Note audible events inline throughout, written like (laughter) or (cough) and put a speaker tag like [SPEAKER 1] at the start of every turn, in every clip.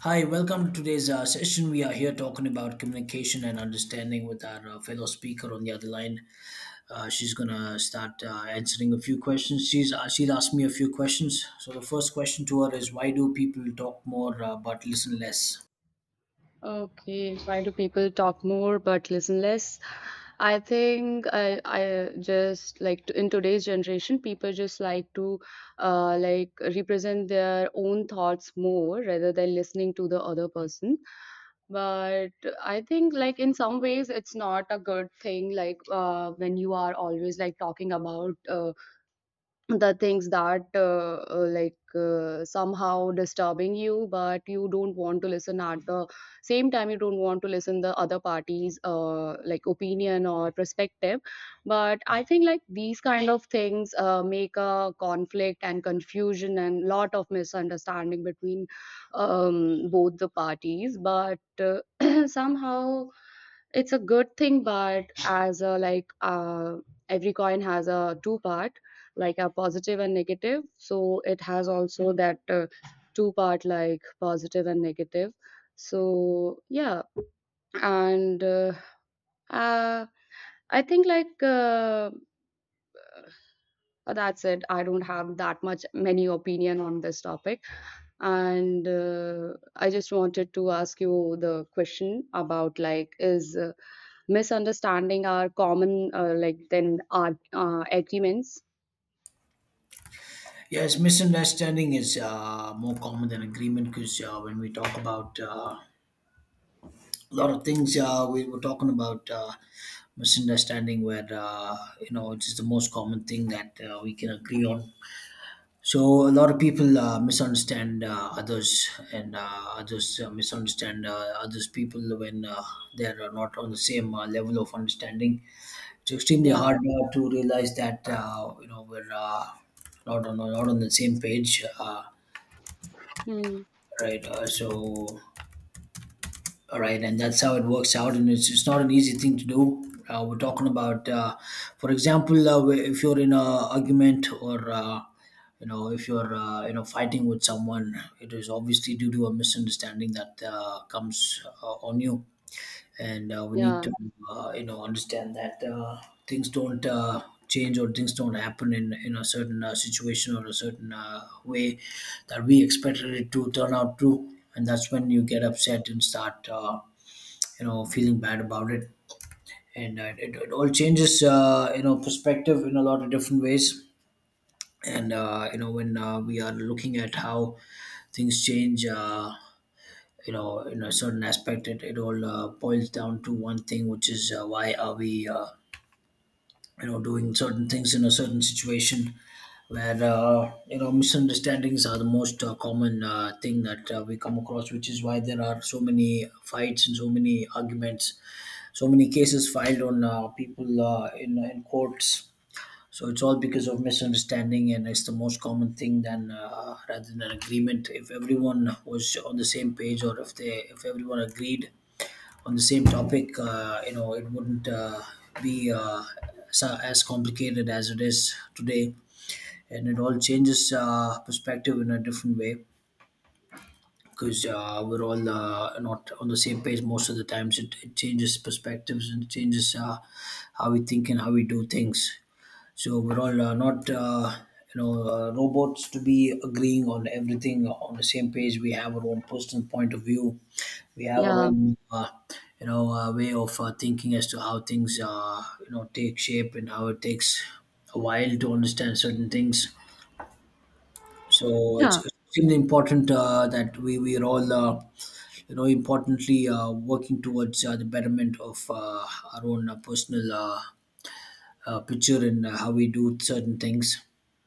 [SPEAKER 1] Hi, welcome to today's session. We are here talking about communication and understanding with our fellow speaker on the other line. She's gonna start answering a few questions. She'll ask me a few questions. So the first question to her is, why do people talk more but listen less?
[SPEAKER 2] Okay, why do people talk more but listen less? I think I just like to, in today's generation, people just like to like represent their own thoughts more rather than listening to the other person. But I think like in some ways it's not a good thing. Like when you are always like talking about the things that somehow disturbing you but you don't want to listen at the same time, you don't want to listen the other party's like opinion or perspective, but I think like these kind of things make a conflict and confusion and lot of misunderstanding between both the parties, but (clears throat) somehow it's a good thing, but as a like every coin has a two part, like a positive and negative, so it has also that two part, like positive and negative. So yeah, and uh, I think like that's it, I don't have that much many opinion on this topic. And I just wanted to ask you the question about, like, is misunderstanding are common like then are agreements?
[SPEAKER 1] Yes, misunderstanding is more common than agreement because when we talk about a lot of things, we were talking about misunderstanding where you know it's the most common thing that we can agree on. So a lot of people misunderstand others, and others misunderstand others people when they're not on the same level of understanding. It's extremely
[SPEAKER 2] Yeah.
[SPEAKER 1] hard to realize that you know we're not on the same page,
[SPEAKER 2] Hmm.
[SPEAKER 1] right? So all right, and that's how it works out, and it's not an easy thing to do. We're talking about, for example, if you're in a argument or you know if you're you know fighting with someone, it is obviously due to a misunderstanding that comes on you, and we need
[SPEAKER 2] Yeah,
[SPEAKER 1] to you know understand that things don't change or things don't happen in a certain situation or a certain way that we expected it to turn out to, and that's when you get upset and start. You know feeling bad about it, and it all changes you know perspective in a lot of different ways, and you know when we are looking at how things change, you know in a certain aspect it all boils down to one thing which is why are we you know doing certain things in a certain situation where you know misunderstandings are the most common thing that we come across, which is why there are so many fights and so many arguments, so many cases filed on people in courts. So it's all because of misunderstanding, and it's the most common thing than rather than an agreement. If everyone was on the same page, or if they if everyone agreed on the same topic, you know, it wouldn't be as complicated as it is today, and it all changes perspective in a different way because we're all not on the same page most of the times. It changes perspectives and changes how we think and how we do things. So we're all not robots to be agreeing on everything on the same page. We have our own personal point of view. We have our
[SPEAKER 2] yeah,
[SPEAKER 1] own, you know, way of thinking as to how things, you know, take shape and how it takes a while to understand certain things. So it's
[SPEAKER 2] yeah,
[SPEAKER 1] extremely important that we are all. You know importantly working towards the betterment of our own personal picture and how we do certain things.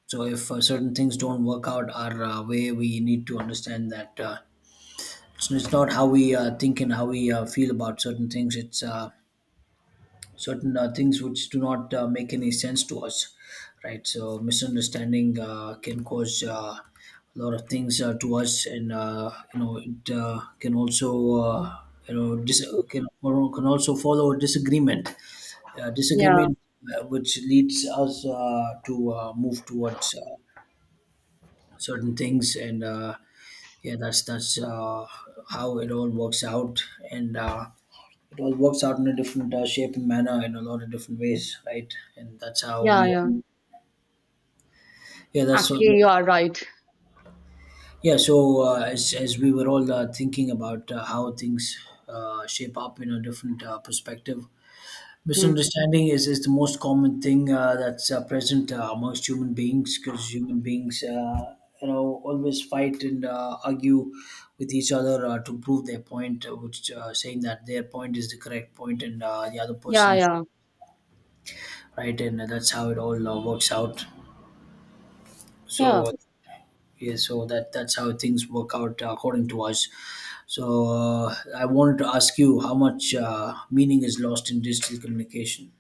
[SPEAKER 1] So if certain things don't work out our way, we need to understand that it's not how we think and how we feel about certain things. It's certain things which do not make any sense to us, right? So misunderstanding can cause a lot of things to us, and you know it can also you know can also follow
[SPEAKER 2] yeah,
[SPEAKER 1] disagreement, which leads us to move towards certain things, and yeah that's how it all works out, and it all works out in a different shape and manner in a lot of different ways, right? And that's how
[SPEAKER 2] yeah,
[SPEAKER 1] we,
[SPEAKER 2] yeah,
[SPEAKER 1] all, yeah, that's so,
[SPEAKER 2] actually you are right.
[SPEAKER 1] yeah. So as we were all thinking about how things shape up in a different perspective,
[SPEAKER 2] Hmm.
[SPEAKER 1] misunderstanding is the most common thing that's present amongst human beings because human beings. You know, always fight and argue with each other to prove their point, which saying that their point is the correct point and the other
[SPEAKER 2] Yeah,
[SPEAKER 1] person is
[SPEAKER 2] yeah,
[SPEAKER 1] right? And that's how it all works out.
[SPEAKER 2] yeah.
[SPEAKER 1] So yeah, so that's how things work out according to us. So I wanted to ask you how much meaning is lost in digital communication.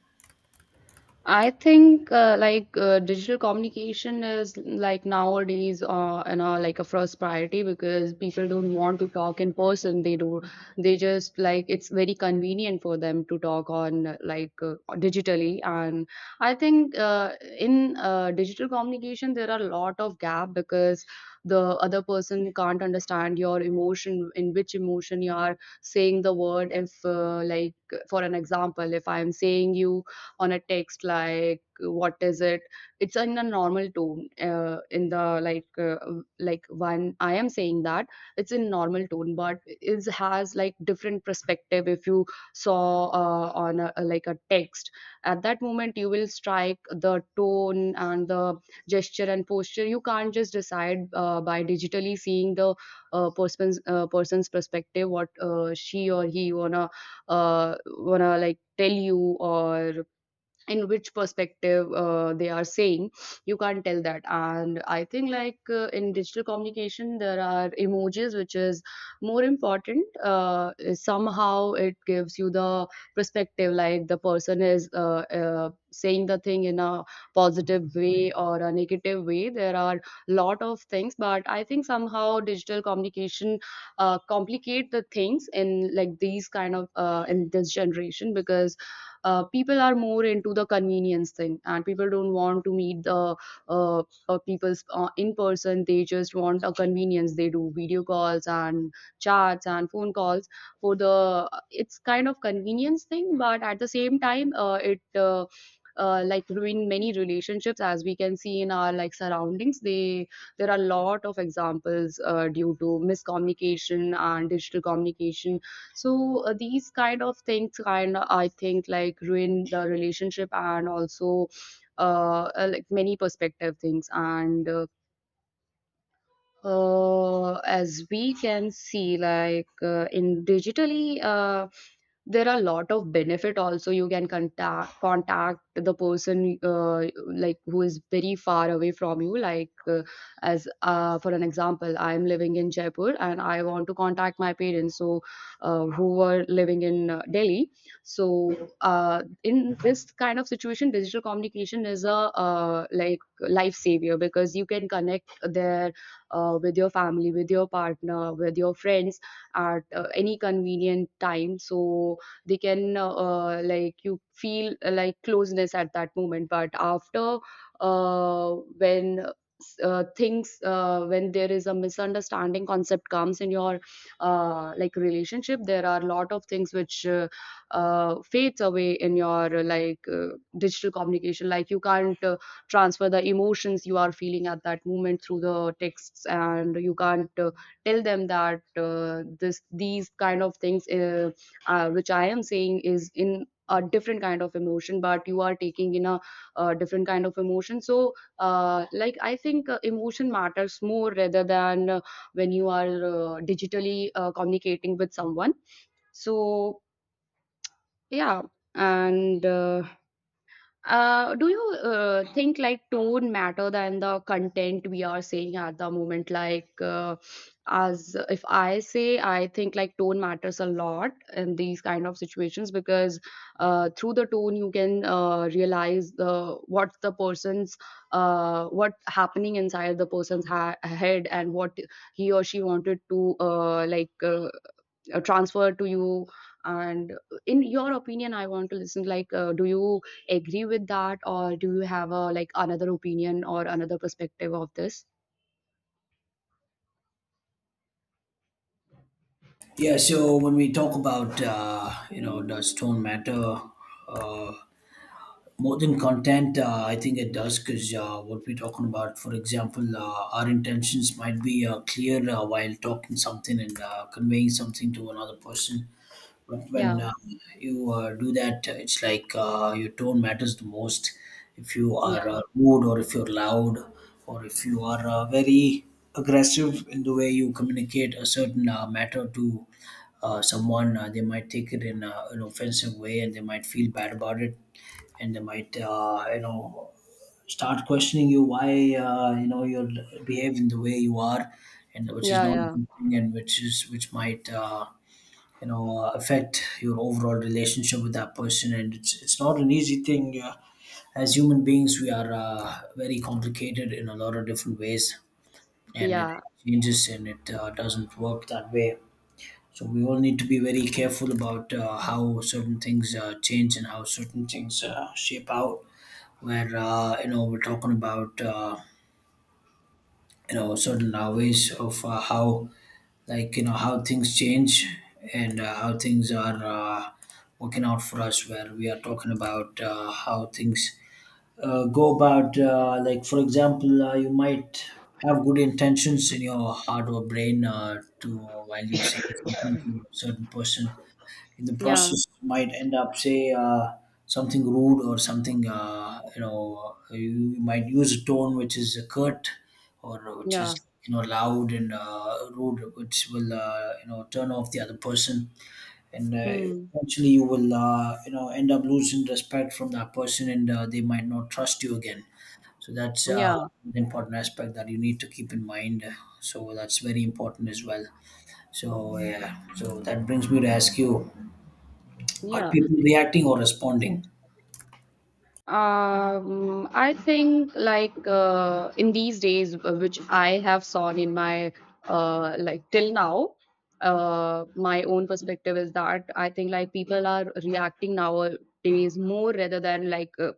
[SPEAKER 2] I think like digital communication is, like, nowadays, you know, like a first priority, because people don't want to talk in person. They do, they just like, it's very convenient for them to talk on digitally. And I think in digital communication there are a lot of gap, because the other person can't understand your emotion, in which emotion you are saying the word. If like, for an example, if I am saying you on a text, like what is it, it's in a normal tone, in the like when I am saying that, it's in normal tone, but it has like different perspective. If you saw on a, like a text, at that moment you will strike the tone and the gesture and posture. You can't just decide by digitally seeing the person's perspective what she or he wanna wanna like tell you, or in which perspective they are saying. You can't tell that. And I think like in digital communication there are emojis, which is more important. Somehow it gives you the perspective, like the person is saying the thing in a positive way or a negative way. There are lot of things, but I think somehow digital communication complicate the things, in like these kind of in this generation, because people are more into the convenience thing and people don't want to meet the uh, people in person. They just want a convenience. They do video calls and chats and phone calls. For the, it's kind of convenience thing, but at the same time it like ruin many relationships, as we can see in our like surroundings. They, there are a lot of examples due to miscommunication and digital communication. So these kind of things kind of, I think like ruin the relationship, and also like many perspective things. And as we can see like in digitally, there are a lot of benefit also. You can contact the person like who is very far away from you. Like as for an example, I am living in Jaipur and I want to contact my parents, so who were living in Delhi. So in this kind of situation, digital communication is a like life savior, because you can connect there with your family, with your partner, with your friends, at any convenient time. So they can like, you feel like closeness at that moment, but after uh, when when there is a misunderstanding concept comes in your like relationship, there are a lot of things which fades away in your digital communication. Like, you can't transfer the emotions you are feeling at that moment through the texts, and you can't tell them that this, these kind of things which I am saying is in a different kind of emotion, but you are taking in a different kind of emotion. So like, I think emotion matters more rather than when you are digitally communicating with someone. So yeah. And do you think like tone matter than the content we are saying at the moment? Like, as if I say, I think like tone matters a lot in these kind of situations, because through the tone you can realize the what the person's what happening inside the person's head, and what he or she wanted to transferred to you. And in your opinion, I want to listen, like do you agree with that, or do you have a like another opinion or another perspective of this?
[SPEAKER 1] Yeah, so when we talk about you know does tone matter uh, more than content, I think it does because what we're talking about, for example, our intentions might be clear while talking something and conveying something to another person, but when
[SPEAKER 2] Yeah,
[SPEAKER 1] you do that it's like your tone matters the most. If you are
[SPEAKER 2] yeah,
[SPEAKER 1] rude or if you're loud or if you are very aggressive in the way you communicate a certain matter to someone, they might take it in an offensive way and they might feel bad about it, and they might you know start questioning you why you know you're behaving the way you are, and which is
[SPEAKER 2] yeah,
[SPEAKER 1] not a
[SPEAKER 2] yeah,
[SPEAKER 1] good thing and which is which might you know affect your overall relationship with that person, and it's not an easy thing. As human beings we are very complicated in a lot of different ways, and it
[SPEAKER 2] yeah,
[SPEAKER 1] changes, and it doesn't work that way. So we all need to be very careful about how certain things change and how certain things shape out, where you know we're talking about you know certain ways of how, like you know how things change, and how things are working out for us, where we are talking about how things go about, like for example, you might have good intentions in your heart or brain to while you're saying something to a certain person, in the
[SPEAKER 2] yeah,
[SPEAKER 1] process might end up say something rude or something, you know you might use a tone which is curt or which is
[SPEAKER 2] yeah.
[SPEAKER 1] you know loud and rude, which will you know turn off the other person, and
[SPEAKER 2] Hmm.
[SPEAKER 1] eventually you will you know end up losing respect from that person, and they might not trust you again. So that's
[SPEAKER 2] Yeah,
[SPEAKER 1] an important aspect that you need to keep in mind, so that's very important as well. So yeah, so that brings me to ask you, are
[SPEAKER 2] yeah.
[SPEAKER 1] people reacting or responding?
[SPEAKER 2] I think like in these days, which I have seen in my like till now, my own perspective is that, I think like people are reacting nowadays more rather than like uh,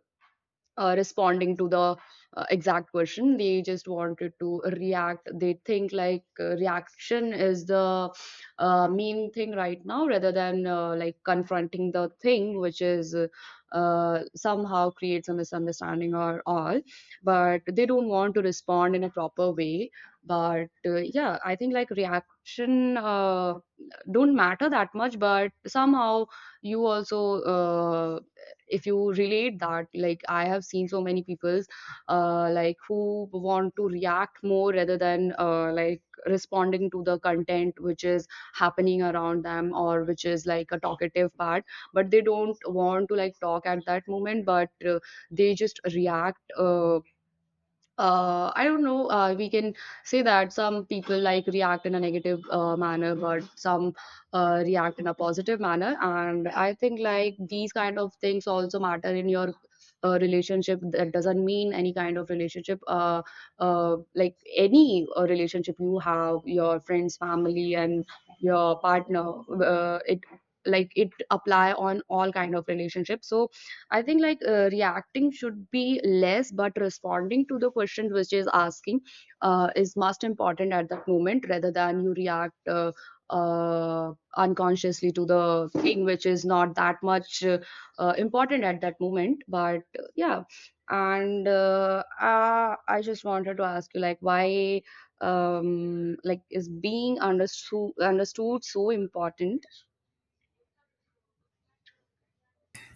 [SPEAKER 2] uh, responding to the exact question. They just wanted to react. They think like reaction is the main thing right now, rather than like confronting the thing, which is somehow creates a misunderstanding or all, but they don't want to respond in a proper way. But yeah, I think like reaction don't matter that much, but somehow you also if you relate that, like I have seen so many people like who want to react more rather than like responding to the content which is happening around them, or which is like a talkative part, but they don't want to like talk at that moment. But they just react. I don't know. We can say that some people like react in a negative manner, but some react in a positive manner. And I think like these kind of things also matter in your relationship. That doesn't mean any kind of relationship, like any relationship you have, your friends, family, and your partner. It, like it apply on all kind of relationships. So I think like reacting should be less, but responding to the question which is asking is most important at that moment, rather than you react unconsciously to the thing which is not that much important at that moment. But yeah. And I just wanted to ask you, like, why like is being understood so important?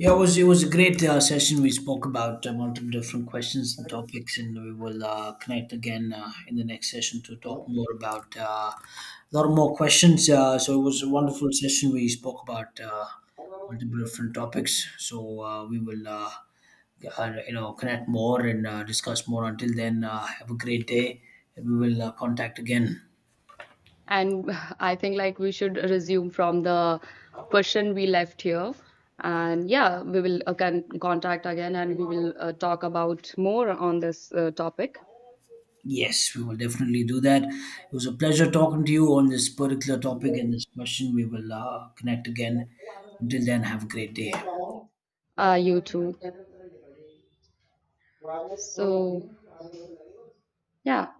[SPEAKER 1] Yeah, it was a great session. We spoke about multiple different questions and topics, and we will connect again in the next session to talk more about a lot more questions. So it was a wonderful session. We spoke about multiple different topics. So we will you know connect more and discuss more. Until then, have a great day, and we will contact again.
[SPEAKER 2] And I think like we should resume from the question we left here. And yeah, we will can contact again, and we will talk about more on this topic.
[SPEAKER 1] Yes, we will definitely do that. It was a pleasure talking to you on this particular topic and this question. We will connect again. Until then, have a great day.
[SPEAKER 2] You too. So yeah.